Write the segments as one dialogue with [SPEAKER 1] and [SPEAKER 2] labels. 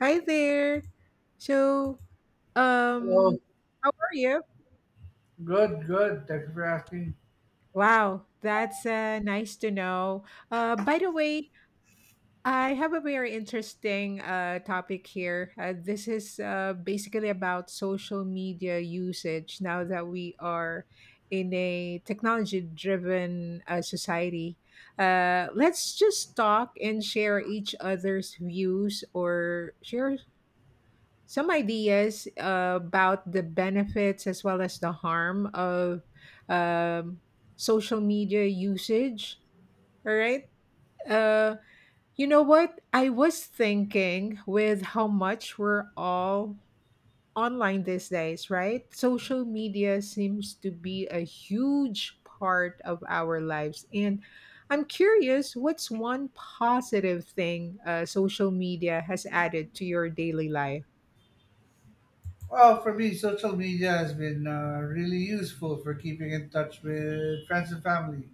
[SPEAKER 1] Hi there. So, um,
[SPEAKER 2] Hello.
[SPEAKER 1] how are you?
[SPEAKER 2] Good, good. Thank you for asking.
[SPEAKER 1] Wow, that's nice to know. By the way, I have a very interesting topic here. This is basically about social media usage now that we are in a technology driven society. Let's just talk and share each other's views or share some ideas about the benefits as well as the harm of um, social media usage. All right. Uh, you know what? I was thinking with how much we're all online these days, right? Social media seems to be a huge part of our lives. And I'm curious, what's one positive thing social media has added to your daily life?
[SPEAKER 2] Well, for me, social media has been really useful for keeping in touch with friends and family,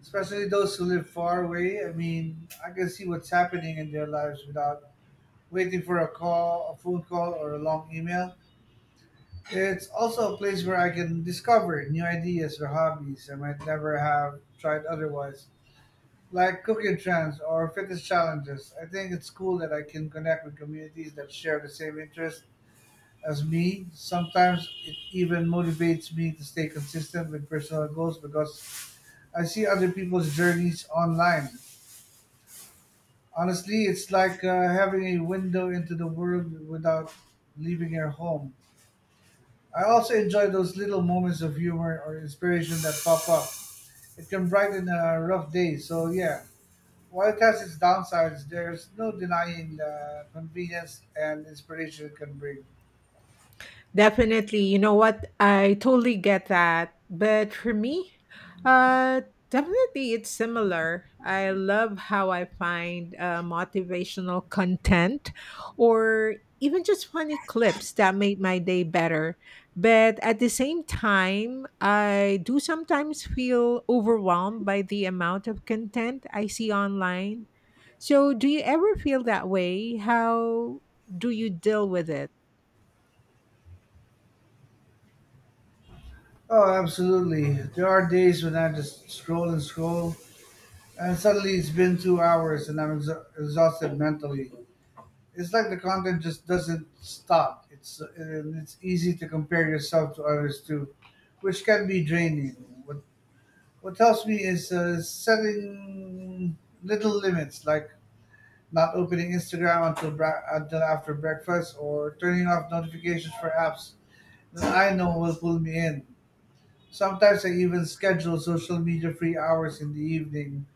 [SPEAKER 2] especially those who live far away. I mean, I can see what's happening in their lives without waiting for a call, a phone call, or a long email. It's also a place where I can discover new ideas or hobbies I might never have tried otherwise, like cooking trends or fitness challenges. I think it's cool that I can connect with communities that share the same interests as me. Sometimes it even motivates me to stay consistent with personal goals because I see other people's journeys online. Honestly, it's like having a window into the world without leaving your home. I also enjoy those little moments of humor or inspiration that pop up. It can brighten a rough day. So yeah, while it has its downsides, there's no denying the convenience and inspiration it can bring.
[SPEAKER 1] Definitely. You know what? I totally get that. But for me, uh, definitely it's similar. I love how I find motivational content or even just funny clips that make my day better. But at the same time, I do sometimes feel overwhelmed by the amount of content I see online. So, do you ever feel that way? How do you deal with it?
[SPEAKER 2] Oh, absolutely. There are days when I just scroll and scroll, and suddenly it's been 2 hours and I'm exa exhausted mentally. It's like the content just doesn't stop. It's easy to compare yourself to others too, which can be draining. What what helps me is setting little limits, like not opening Instagram until after breakfast, or turning off notifications for apps that I know will pull me in. Sometimes I even schedule social media free hours in the evening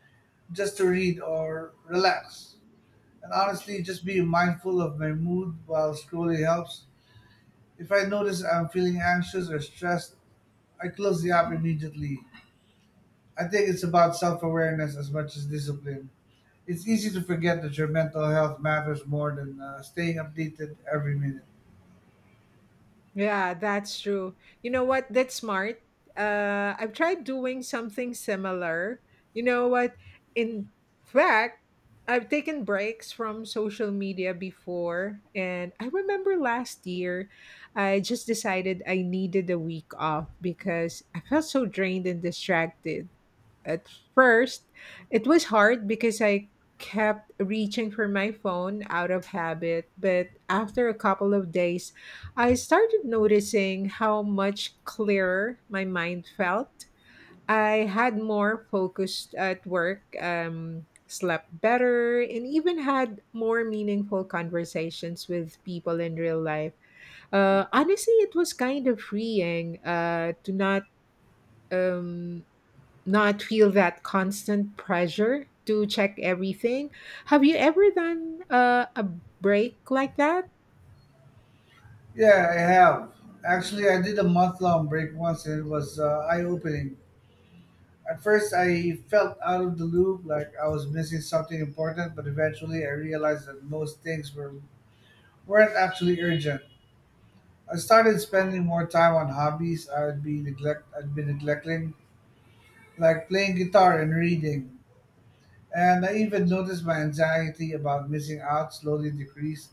[SPEAKER 2] just to read or relax. And honestly, just being mindful of my mood while scrolling helps. If I notice I'm feeling anxious or stressed, I close the app immediately. I think it's about self awareness as much as discipline. It's easy to forget that your mental health matters more than staying updated every minute.
[SPEAKER 1] Yeah, that's true. You know what? That's smart. I've tried doing something similar. You know what? In fact, I've taken breaks from social media before. And I remember last year, I just decided I needed a week off because I felt so drained and distracted. At first, it was hard because I kept reaching for my phone out of habit, but after a couple of days, I started noticing how much clearer my mind felt. I had more focused at work, slept better, and even had more meaningful conversations with people in real life. Honestly, it was kind of freeing to Um, not feel that constant pressure to check everything. Have you ever done a break like that?
[SPEAKER 2] Yeah, I have. Actually, I did a month long break once and it was eye opening. At first, I felt out of the loop, like I was missing something important, but eventually I realized that most things weren't actually urgent. I started spending more time on hobbies I'd been neglecting, like playing guitar and reading. And I even noticed my anxiety about missing out slowly decreased.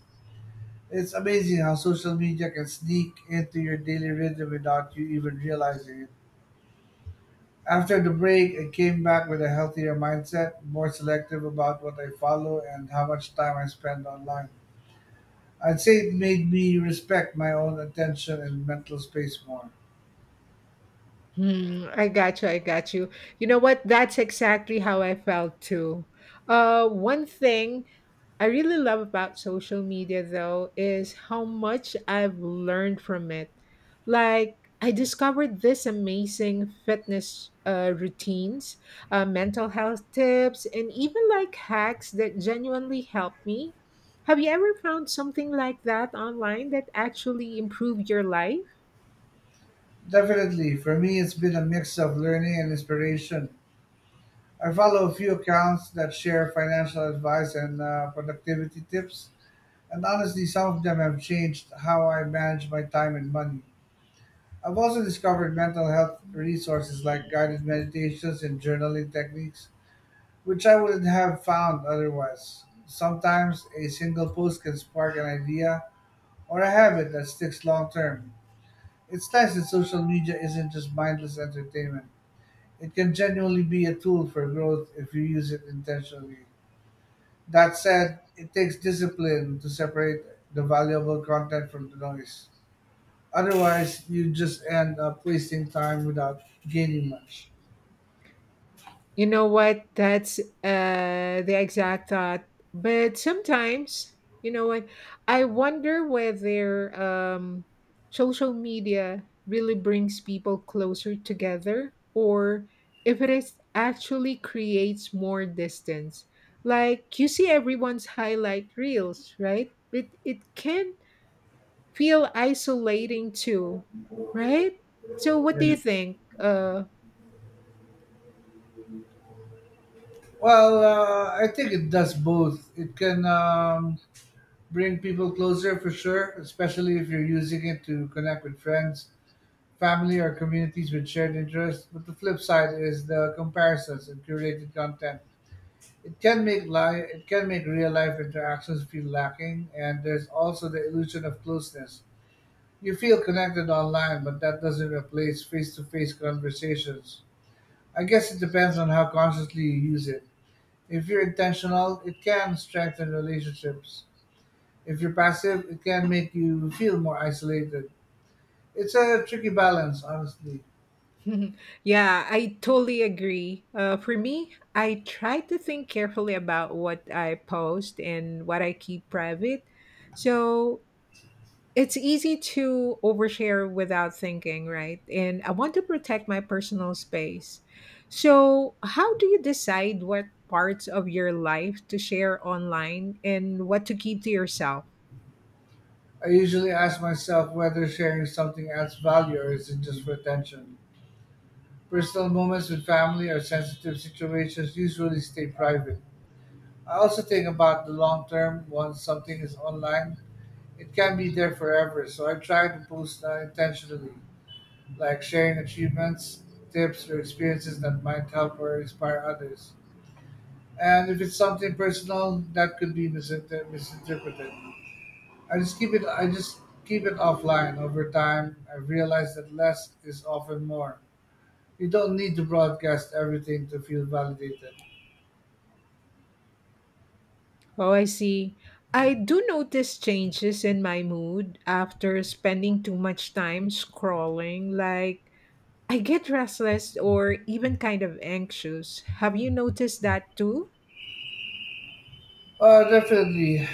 [SPEAKER 2] It's amazing how social media can sneak into your daily rhythm without you even realizing it. After the break, I came back with a healthier mindset, more selective about what I follow and how much time I spend online. I'd say it made me respect my own attention and mental space more.
[SPEAKER 1] Hmm, I got you. I got you. You know what? That's exactly how I felt too. One thing I really love about social media though is how much I've learned from it. Like I discovered this amazing fitness routines, mental health tips, and even like hacks that genuinely help me. Have you ever found something like that online that actually improved your life?
[SPEAKER 2] Definitely, for me, it's been a mix of learning and inspiration. I follow a few accounts that share financial advice and productivity tips, and honestly, some of them have changed how I manage my time and money. I've also discovered mental health resources like guided meditations and journaling techniques which I wouldn't have found otherwise. Sometimes a single post can spark an idea or a habit that sticks long term. It's nice that social media isn't just mindless entertainment. It can genuinely be a tool for growth if you use it intentionally. That said, it takes discipline to separate the valuable content from the noise. Otherwise, you just end up wasting time without gaining much.
[SPEAKER 1] You know what? That's the exact thought. But sometimes, you know what? I wonder whether social media really brings people closer together or if it is actually creates more distance. Like you see everyone's highlight reels, right? But it can feel isolating too, right? So, what do
[SPEAKER 2] Yeah.
[SPEAKER 1] you think?
[SPEAKER 2] Well, I think it does both. It can bring people closer for sure, especially if you're using it to connect with friends, family, or communities with shared interests. But the flip side is the comparisons and curated content. It can make li it can make real life interactions feel lacking, and there's also the illusion of closeness. You feel connected online, but that doesn't replace face-to-face conversations. I guess it depends on how consciously you use it. If you're intentional, it can strengthen relationships. If you're passive, it can make you feel more isolated. It's a tricky balance, honestly.
[SPEAKER 1] Yeah, I totally agree. For me, I try to think carefully about what I post and what I keep private. So it's easy to overshare without thinking, right? And I want to protect my personal space. So, how do you decide what parts of your life to share online and what to keep to yourself?
[SPEAKER 2] I usually ask myself whether sharing something adds value or is it just for attention. Personal moments with family or sensitive situations usually stay private. I also think about the long term. Once something is online, it can be there forever, so I try to post intentionally, like sharing achievements, tips, or experiences that might help or inspire others. And if it's something personal, that could be misinterpreted. I just keep it offline. Over time, I realized that less is often more. You don't need to broadcast everything to feel validated.
[SPEAKER 1] Oh, I see. I do notice changes in my mood after spending too much time scrolling. Like, I get restless or even kind of anxious. Have you noticed that too?
[SPEAKER 2] Definitely.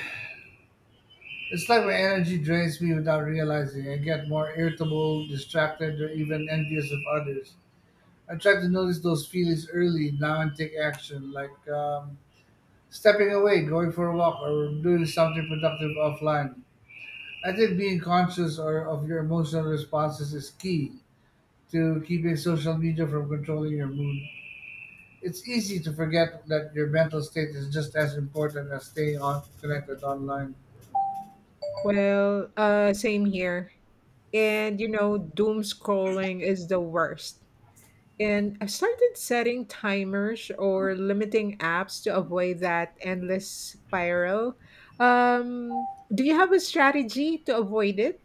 [SPEAKER 2] It's like my energy drains me without realizing. I get more irritable, distracted, or even envious of others. I try to notice those feelings early now and take action, like stepping away, going for a walk, or doing something productive offline. I think being conscious or of your emotional responses is key to keeping social media from controlling your mood. It's easy to forget that your mental state is just as important as staying on connected online.
[SPEAKER 1] Well, same here. And, you know, doom scrolling is the worst. And I started setting timers or limiting apps to avoid that endless spiral. Um, do you have a strategy to avoid it?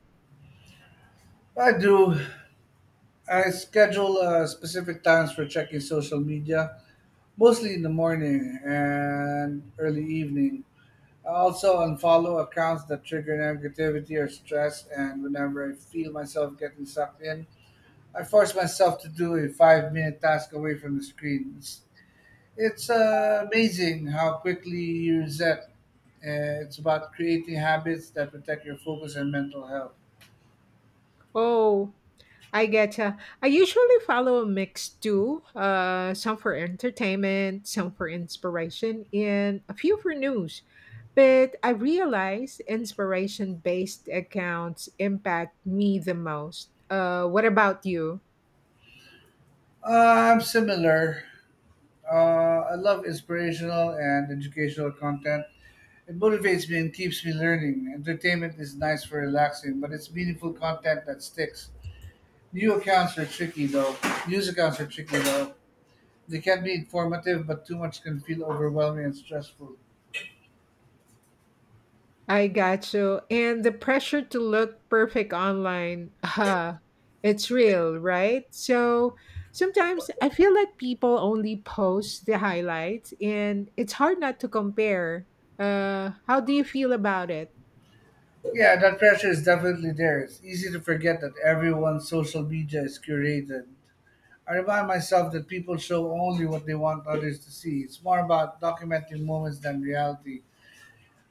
[SPEAKER 2] I do. I schedule specific times for checking social media, mostly in the morning and early evening. I also unfollow accounts that trigger negativity or stress, and whenever I feel myself getting sucked in, I force myself to do a 5 minute task away from the screen. It's amazing how quickly you reset. It's about creating habits that protect your focus and mental health.
[SPEAKER 1] Oh, I getcha. I usually follow a mix too, some for entertainment, some for inspiration, and a few for news. But I realize inspiration based accounts impact me the most. What about you?
[SPEAKER 2] Uh, I'm similar. I love inspirational and educational content. It motivates me and keeps me learning. Entertainment is nice for relaxing, but it's meaningful content that sticks. New accounts are tricky though. News accounts are tricky though. They can be informative, but too much can feel overwhelming and stressful.
[SPEAKER 1] I got you. And the pressure to look perfect online, it's real, right? So sometimes I feel like people only post the highlights, and it's hard not to compare. How do you feel about it?
[SPEAKER 2] Yeah, that pressure is definitely there. It's easy to forget that everyone's social media is curated. I remind myself that people show only what they want others to see. It's more about documenting moments than reality.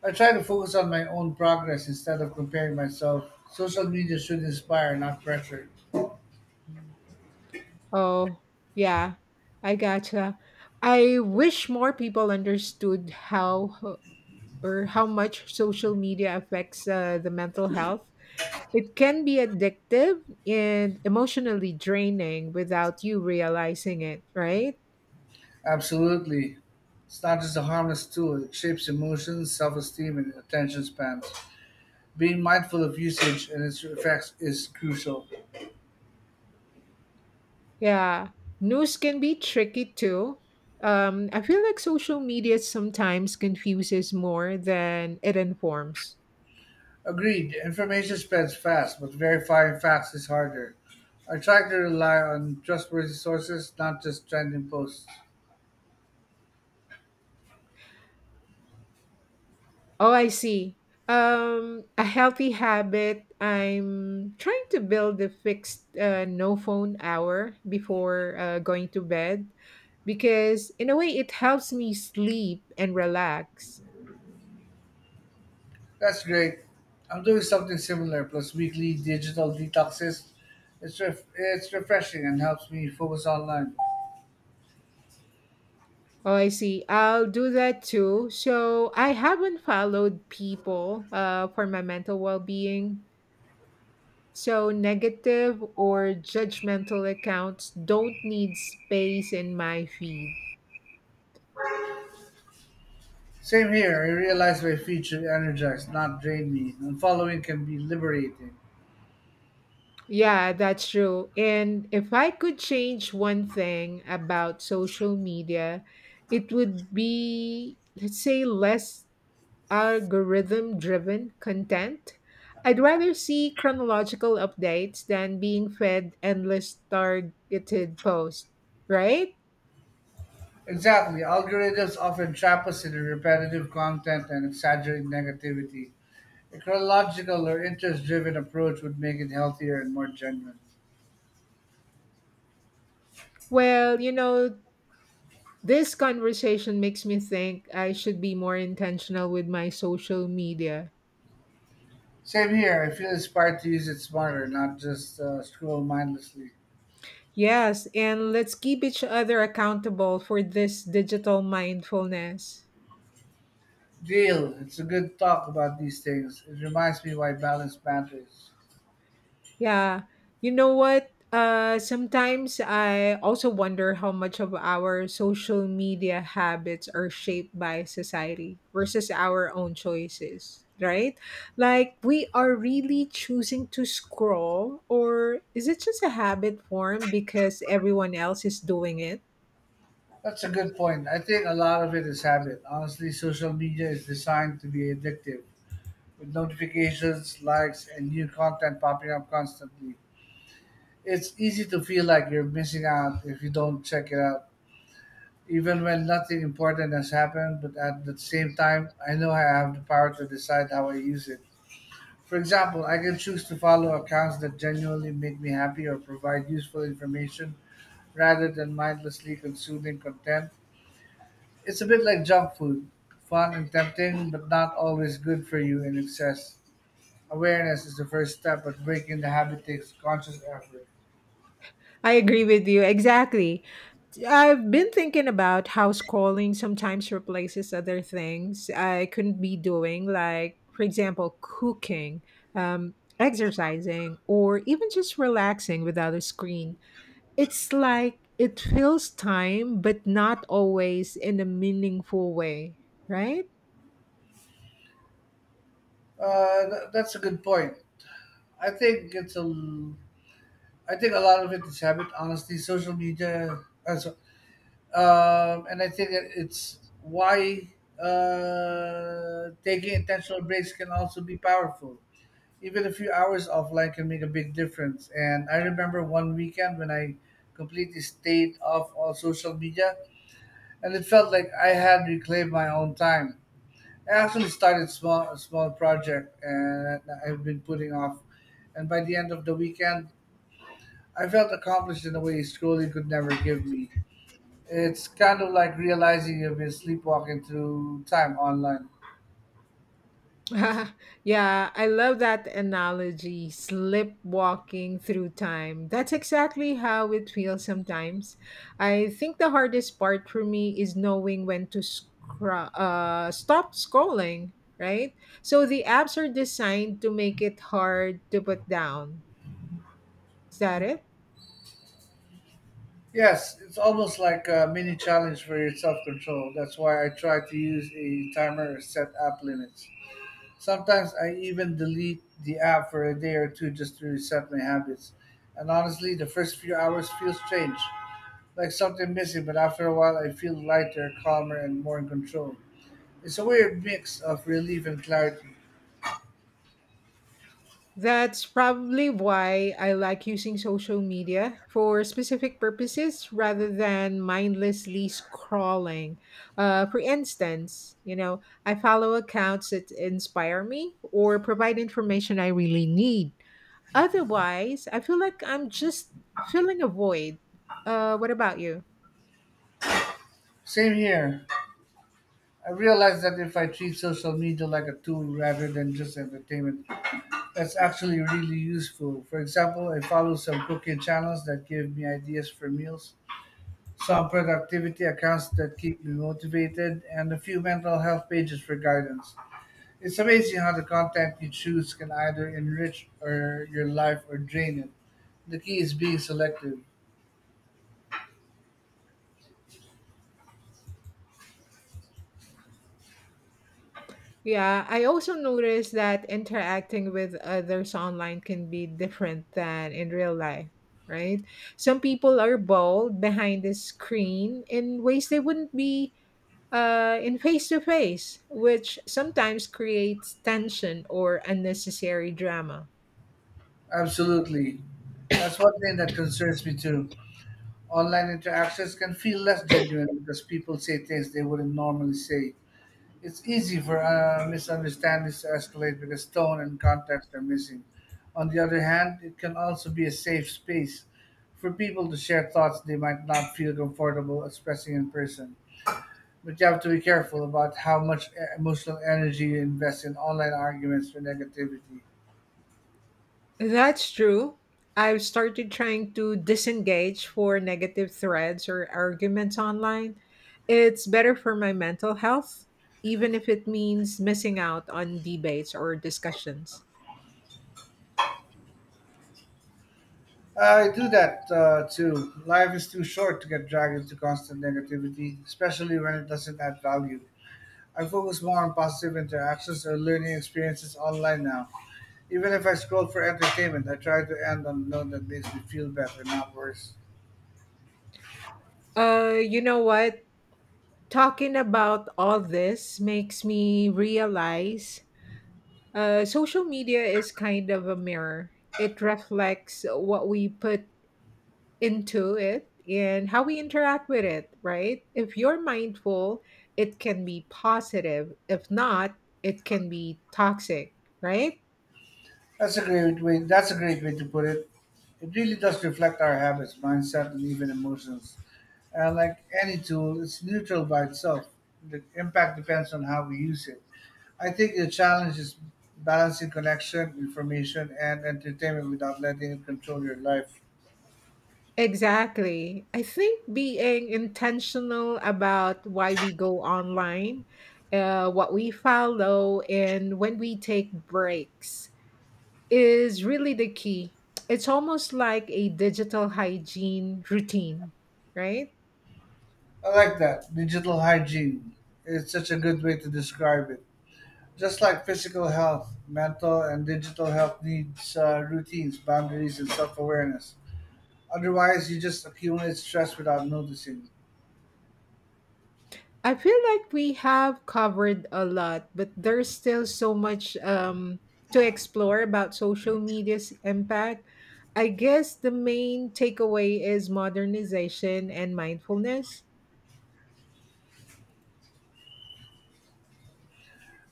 [SPEAKER 2] I try to focus on my own progress instead of comparing myself. Social media should inspire, not pressure.
[SPEAKER 1] Oh, yeah, I gotcha. I wish more people understood how or how much social media affects the mental health. It can be addictive and emotionally draining without you realizing it, right?
[SPEAKER 2] Absolutely. It's not just a harmless tool, it shapes emotions, self esteem, and attention spans. Being mindful of usage and its effects is crucial.
[SPEAKER 1] Yeah. News can be tricky too. I feel like social media sometimes confuses more than it informs.
[SPEAKER 2] Agreed, information spreads fast, but verifying facts is harder. I try to rely on trustworthy sources, not just trending posts.
[SPEAKER 1] Oh, I see. A healthy habit. I'm trying to build a fixed no phone hour before going to bed because, in a way, it helps me sleep and relax.
[SPEAKER 2] That's great. I'm doing something similar, plus weekly digital detoxes. It's refreshing and helps me focus online.
[SPEAKER 1] Oh, I see. I'll do that too. So I haven't followed people for my mental well being. So negative or judgmental accounts don't need space in my feed.
[SPEAKER 2] Same here, I realize my feed should energize, not drain me, and following can be liberating.
[SPEAKER 1] Yeah, that's true. And if I could change one thing about social media, it would be, let's say, less algorithm driven content. I'd rather see chronological updates than being fed endless targeted posts, right?
[SPEAKER 2] Exactly, algorithms often trap us in repetitive content and exaggerate negativity. A chronological or interest-driven approach would make it healthier and more genuine.
[SPEAKER 1] Well, you know, this conversation makes me think I should be more intentional with my social media.
[SPEAKER 2] Same here. I feel inspired to use it smarter, not just scroll mindlessly.
[SPEAKER 1] Yes, and let's keep each other accountable for this digital mindfulness.
[SPEAKER 2] Deal. It's a good talk about these things. It reminds me why balance matters.
[SPEAKER 1] Yeah. You know what? Sometimes I also wonder how much of our social media habits are shaped by society versus our own choices, right? Like, we are really choosing to scroll, or is it just a habit form because everyone else is doing it?
[SPEAKER 2] That's a good point. I think a lot of it is habit. Honestly, social media is designed to be addictive, with notifications, likes, and new content popping up constantly. It's easy to feel like you're missing out if you don't check it out, even when nothing important has happened, but at the same time, I know I have the power to decide how I use it. For example, I can choose to follow accounts that genuinely make me happy or provide useful information rather than mindlessly consuming content. It's a bit like junk food, fun and tempting, but not always good for you in excess. Awareness is the first step, but breaking the habit takes conscious effort.
[SPEAKER 1] I agree with you. Exactly. I've been thinking about how scrolling sometimes replaces other things I couldn't be doing, like, for example, cooking, exercising, or even just relaxing without a screen. It's like it fills time, but not always in a meaningful way, right?
[SPEAKER 2] That's a good point. I think it's a l- I think a lot of it is habit, honestly, uh, so- and I think it's why taking intentional breaks can also be powerful. Even a few hours offline can make a big difference. And I remember one weekend when I completely stayed off all social media, and it felt like I had reclaimed my own time. I actually started small, a small project, and I've been putting off. And by the end of the weekend, I felt accomplished in a way schooling could never give me. It's kind of like realizing you've been sleepwalking through time online.
[SPEAKER 1] yeah, I love that analogy, slipwalking through time. That's exactly how it feels sometimes. I think the hardest part for me is knowing when to stop scrolling, right? So the apps are designed to make it hard to put down. Is that it?
[SPEAKER 2] Yes, it's almost like a mini challenge for your self control. That's why I try to use a timer or set app limits. Sometimes I even delete the app for a day or two just to reset my habits. And honestly, the first few hours feel strange, like something missing, but after a while I feel lighter, calmer, and more in control. It's a weird mix of relief and clarity.
[SPEAKER 1] That's probably why I like using social media for specific purposes rather than mindlessly scrolling. For instance, you know, I follow accounts that inspire me or provide information I really need. Otherwise, I feel like I'm just filling a void. What about you?
[SPEAKER 2] Same here. I realized that if I treat social media like a tool rather than just entertainment, that's actually really useful. For example, I follow some cooking channels that give me ideas for meals, some productivity accounts that keep me motivated, and a few mental health pages for guidance. It's amazing how the content you choose can either enrich or your life or drain it. The key is being selective.
[SPEAKER 1] Yeah, I also noticed that interacting with others online can be different than in real life, right? Some people are bold behind the screen in ways they wouldn't be in face to face, which sometimes creates tension or unnecessary drama.
[SPEAKER 2] Absolutely. That's one thing that concerns me too. Online interactions can feel less genuine because people say things they wouldn't normally say. It's easy for misunderstandings to escalate because tone and context are missing. On the other hand, it can also be a safe space for people to share thoughts they might not feel comfortable expressing in person. But you have to be careful about how much emotional energy you invest in online arguments for negativity.
[SPEAKER 1] That's true. I've started trying to disengage for negative threads or arguments online. It's better for my mental health, even if it means missing out on debates or discussions.
[SPEAKER 2] I do that too. Life is too short to get dragged into constant negativity, especially when it doesn't add value. I focus more on positive interactions or learning experiences online now. Even if I scroll for entertainment, I try to end on a note that makes me feel better, not worse.
[SPEAKER 1] You know what? Talking about all this makes me realize social media is kind of a mirror. It reflects what we put into it and how we interact with it, right? If you're mindful, it can be positive. If not, it can be toxic, right?
[SPEAKER 2] That's a great way. That's a great way to put it. It really does reflect our habits, mindset, and even emotions. And like any tool, it's neutral by itself. The impact depends on how we use it. I think the challenge is balancing connection, information, and entertainment without letting it control your life.
[SPEAKER 1] Exactly. I think being intentional about why we go online, what we follow, and when we take breaks is really the key. It's almost like a digital hygiene routine, right?
[SPEAKER 2] I like that. Digital hygiene. It's such a good way to describe it. Just like physical health, mental and digital health needs routines, boundaries, and self awareness. Otherwise, you just accumulate stress without noticing.
[SPEAKER 1] I feel like we have covered a lot, but there's still so much to explore about social media's impact. I guess the main takeaway is modernization and mindfulness.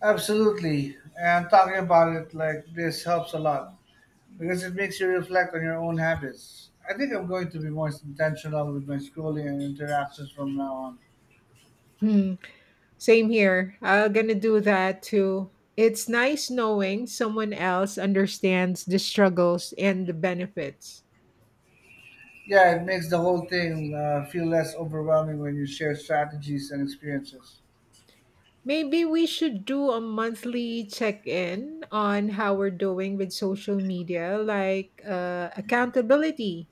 [SPEAKER 2] Absolutely. And talking about it like this helps a lot because it makes you reflect on your own habits. I think I'm going to be more intentional with my scrolling and interactions from now on.
[SPEAKER 1] Hmm. Same here. I'm gonna do that too. It's nice knowing someone else understands the struggles and the benefits.
[SPEAKER 2] Yeah, it makes the whole thing feel less overwhelming when you share strategies and experiences.
[SPEAKER 1] Maybe we should do a monthly check in on how we're doing with social media, like accountability.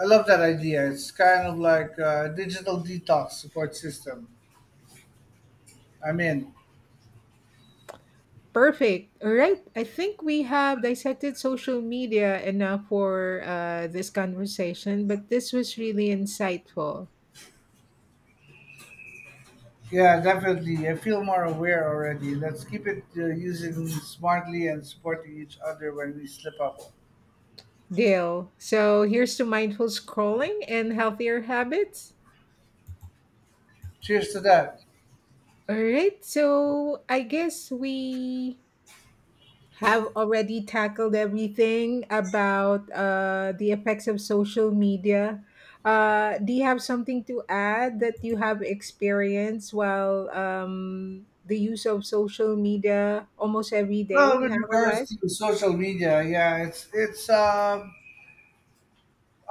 [SPEAKER 2] I love that idea. It's kind of like a digital detox support system. I'm in.
[SPEAKER 1] Perfect. All right. I think we have dissected social media enough for this conversation, but this was really insightful.
[SPEAKER 2] Yeah, definitely. I feel more aware already. Let's keep it using smartly and supporting each other when we slip up.
[SPEAKER 1] Dale. So here's to mindful scrolling and healthier habits.
[SPEAKER 2] Cheers to that.
[SPEAKER 1] All right. So I guess we have already tackled everything about the effects of social media. Do you have something to add that you have experienced while the use of social media almost every day
[SPEAKER 2] Well,
[SPEAKER 1] in
[SPEAKER 2] with
[SPEAKER 1] our
[SPEAKER 2] regards
[SPEAKER 1] life?
[SPEAKER 2] to social media, yeah, it's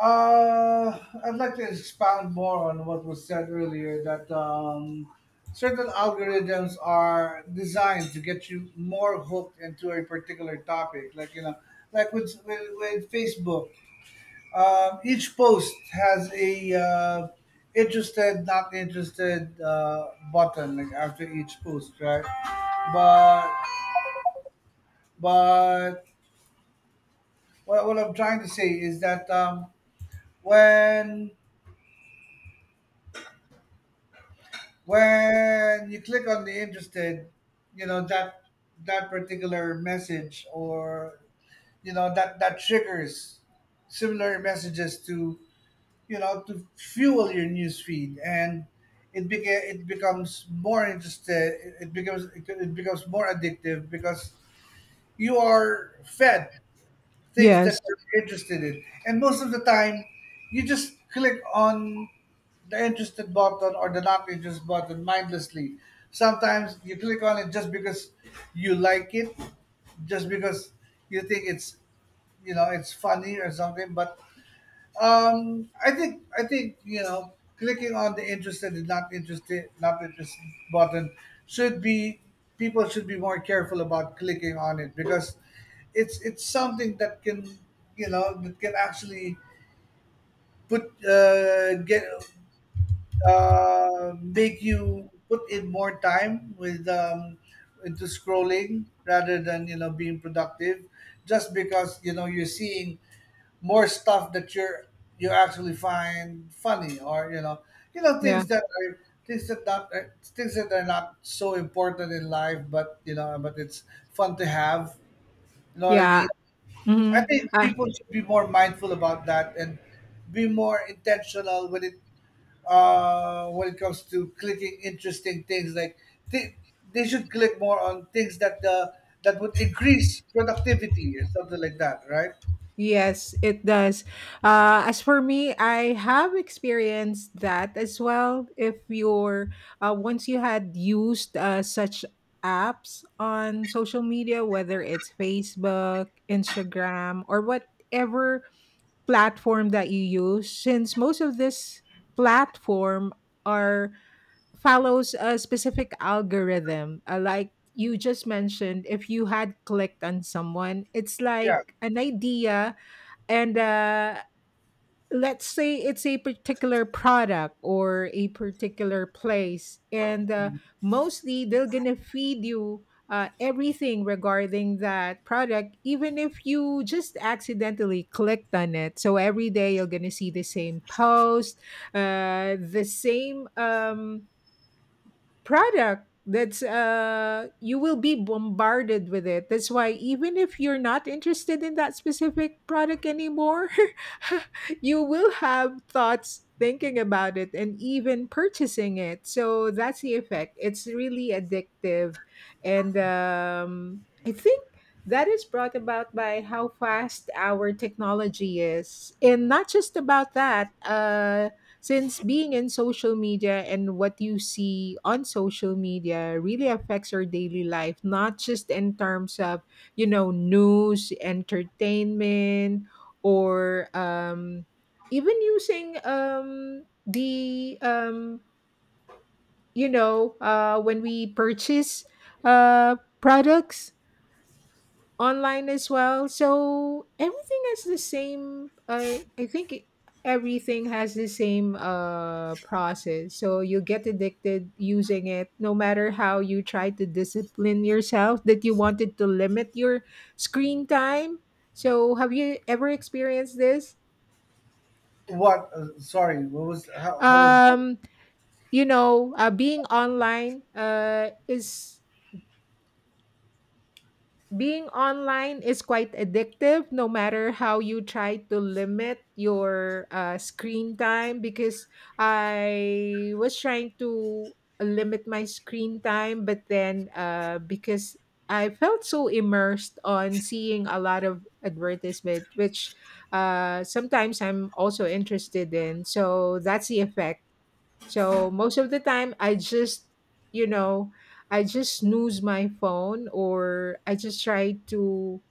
[SPEAKER 2] uh I'd like to expound more on what was said earlier that certain algorithms are designed to get you more hooked into a particular topic, like like with Facebook. Each post has a interested, not interested button like after each post, right? But but what I'm trying to say is that when when you click on the interested, you know that that particular message or you know that that triggers similar messages to to fuel your news feed. And it becomes more interested. It becomes more addictive because you are fed things
[SPEAKER 1] Yes.
[SPEAKER 2] that you're interested in, and most of the time you just click on the interested button or the not interested button mindlessly. Sometimes you click on it just because you like it, just because you think it's it's funny or something. But um, I think clicking on the interested and not interested button should be— people should be more careful about clicking on it, because it's something that can that can actually put get make you put in more time with into scrolling rather than being productive, just because you're seeing more stuff that you actually find funny, or
[SPEAKER 1] Yeah.
[SPEAKER 2] things that are— things that are not so important in life, but but it's fun to have. You know what I mean?
[SPEAKER 1] Yeah.
[SPEAKER 2] I
[SPEAKER 1] Hmm.
[SPEAKER 2] think people should be more mindful about that and be more intentional when it— when it comes to clicking interesting things, like th- they should click more on things that that would increase productivity or something like that, right?
[SPEAKER 1] Yes, it does. As for me, I have experienced that as well. If you're Once you had used such apps on social media, whether it's Facebook, Instagram, or whatever platform that you use, since most of this platform are follows a specific algorithm, like you just mentioned, if you had clicked on someone, it's
[SPEAKER 2] Yeah.
[SPEAKER 1] like an idea and let's say it's a particular product or a particular place, and mostly they're gonna feed you everything regarding that product even if you just accidentally clicked on it, so every day you're gonna see the same post, the same product, that's you will be bombarded with it. That's why even if you're not interested in that specific product anymore, you will have thoughts thinking about it and even purchasing it. So that's the effect, it's really addictive. And I think that is brought about by how fast our technology is, and not just about that, since being in social media and what you see on social media really affects your daily life, not just in terms of, you know, news, entertainment, or even using you know, when we purchase products online as well. So everything has the same. I think everything has the same process. So you get addicted using it, no matter how you try to discipline yourself that you wanted to limit your screen time. So have you ever experienced this?
[SPEAKER 2] What? Sorry. What was? How? How was that?
[SPEAKER 1] Um, you know, being online is quite addictive no matter how you try to limit your screen time. Because I was trying to limit my screen time, but then because I felt so immersed on seeing a lot of advertisement which sometimes I'm also interested in, so that's the effect. So most of the time, I just, you know, I just snooze my phone or I just try to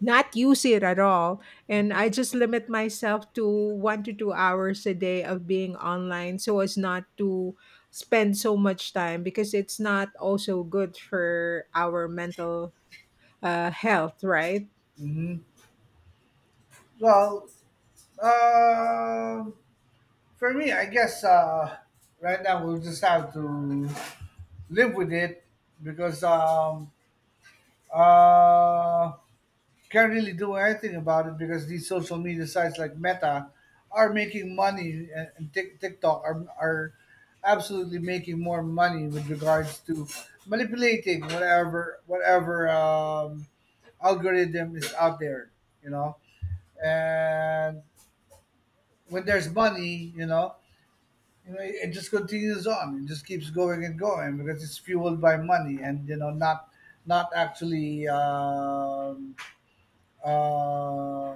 [SPEAKER 1] not use it at all. And I just limit myself to 1 to 2 hours a day of being online so as not to spend so much time because it's not also good for our mental health, right?
[SPEAKER 2] Hmm. Well, um, for me, I guess right now we'll just have to live with it because uh, can't really do anything about it because these social media sites like Meta are making money, and TikTok are absolutely making more money with regards to manipulating whatever algorithm is out there, you know. And when there's money, it just continues on. It just keeps going and going because it's fueled by money and not not actually uh,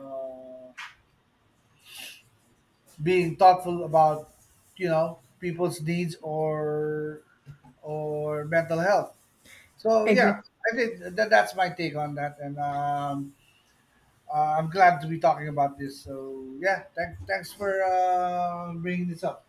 [SPEAKER 2] being thoughtful about people's needs or mental health. So yeah,
[SPEAKER 1] Exactly.
[SPEAKER 2] I think that that's my take on that. And I'm glad to be talking about this, so yeah, thanks for bringing this up.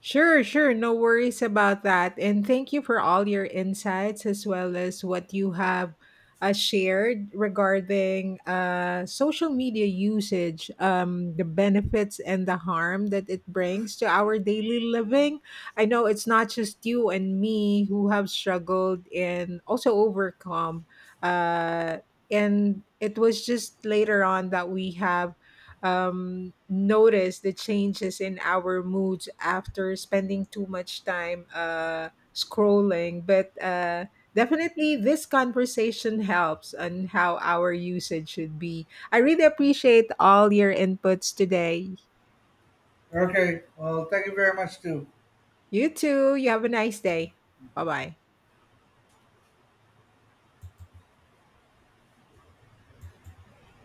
[SPEAKER 1] Sure, sure. No worries about that. And thank you for all your insights as well as what you have shared regarding social media usage, the benefits and the harm that it brings to our daily living. I know it's not just you and me who have struggled and also overcome. Uh, and it was just later on that we have notice the changes in our moods after spending too much time scrolling. But definitely, this conversation helps on how our usage should be. I really appreciate all your inputs today.
[SPEAKER 2] Okay, well, thank you very much too.
[SPEAKER 1] You too. You have a nice day. Bye bye.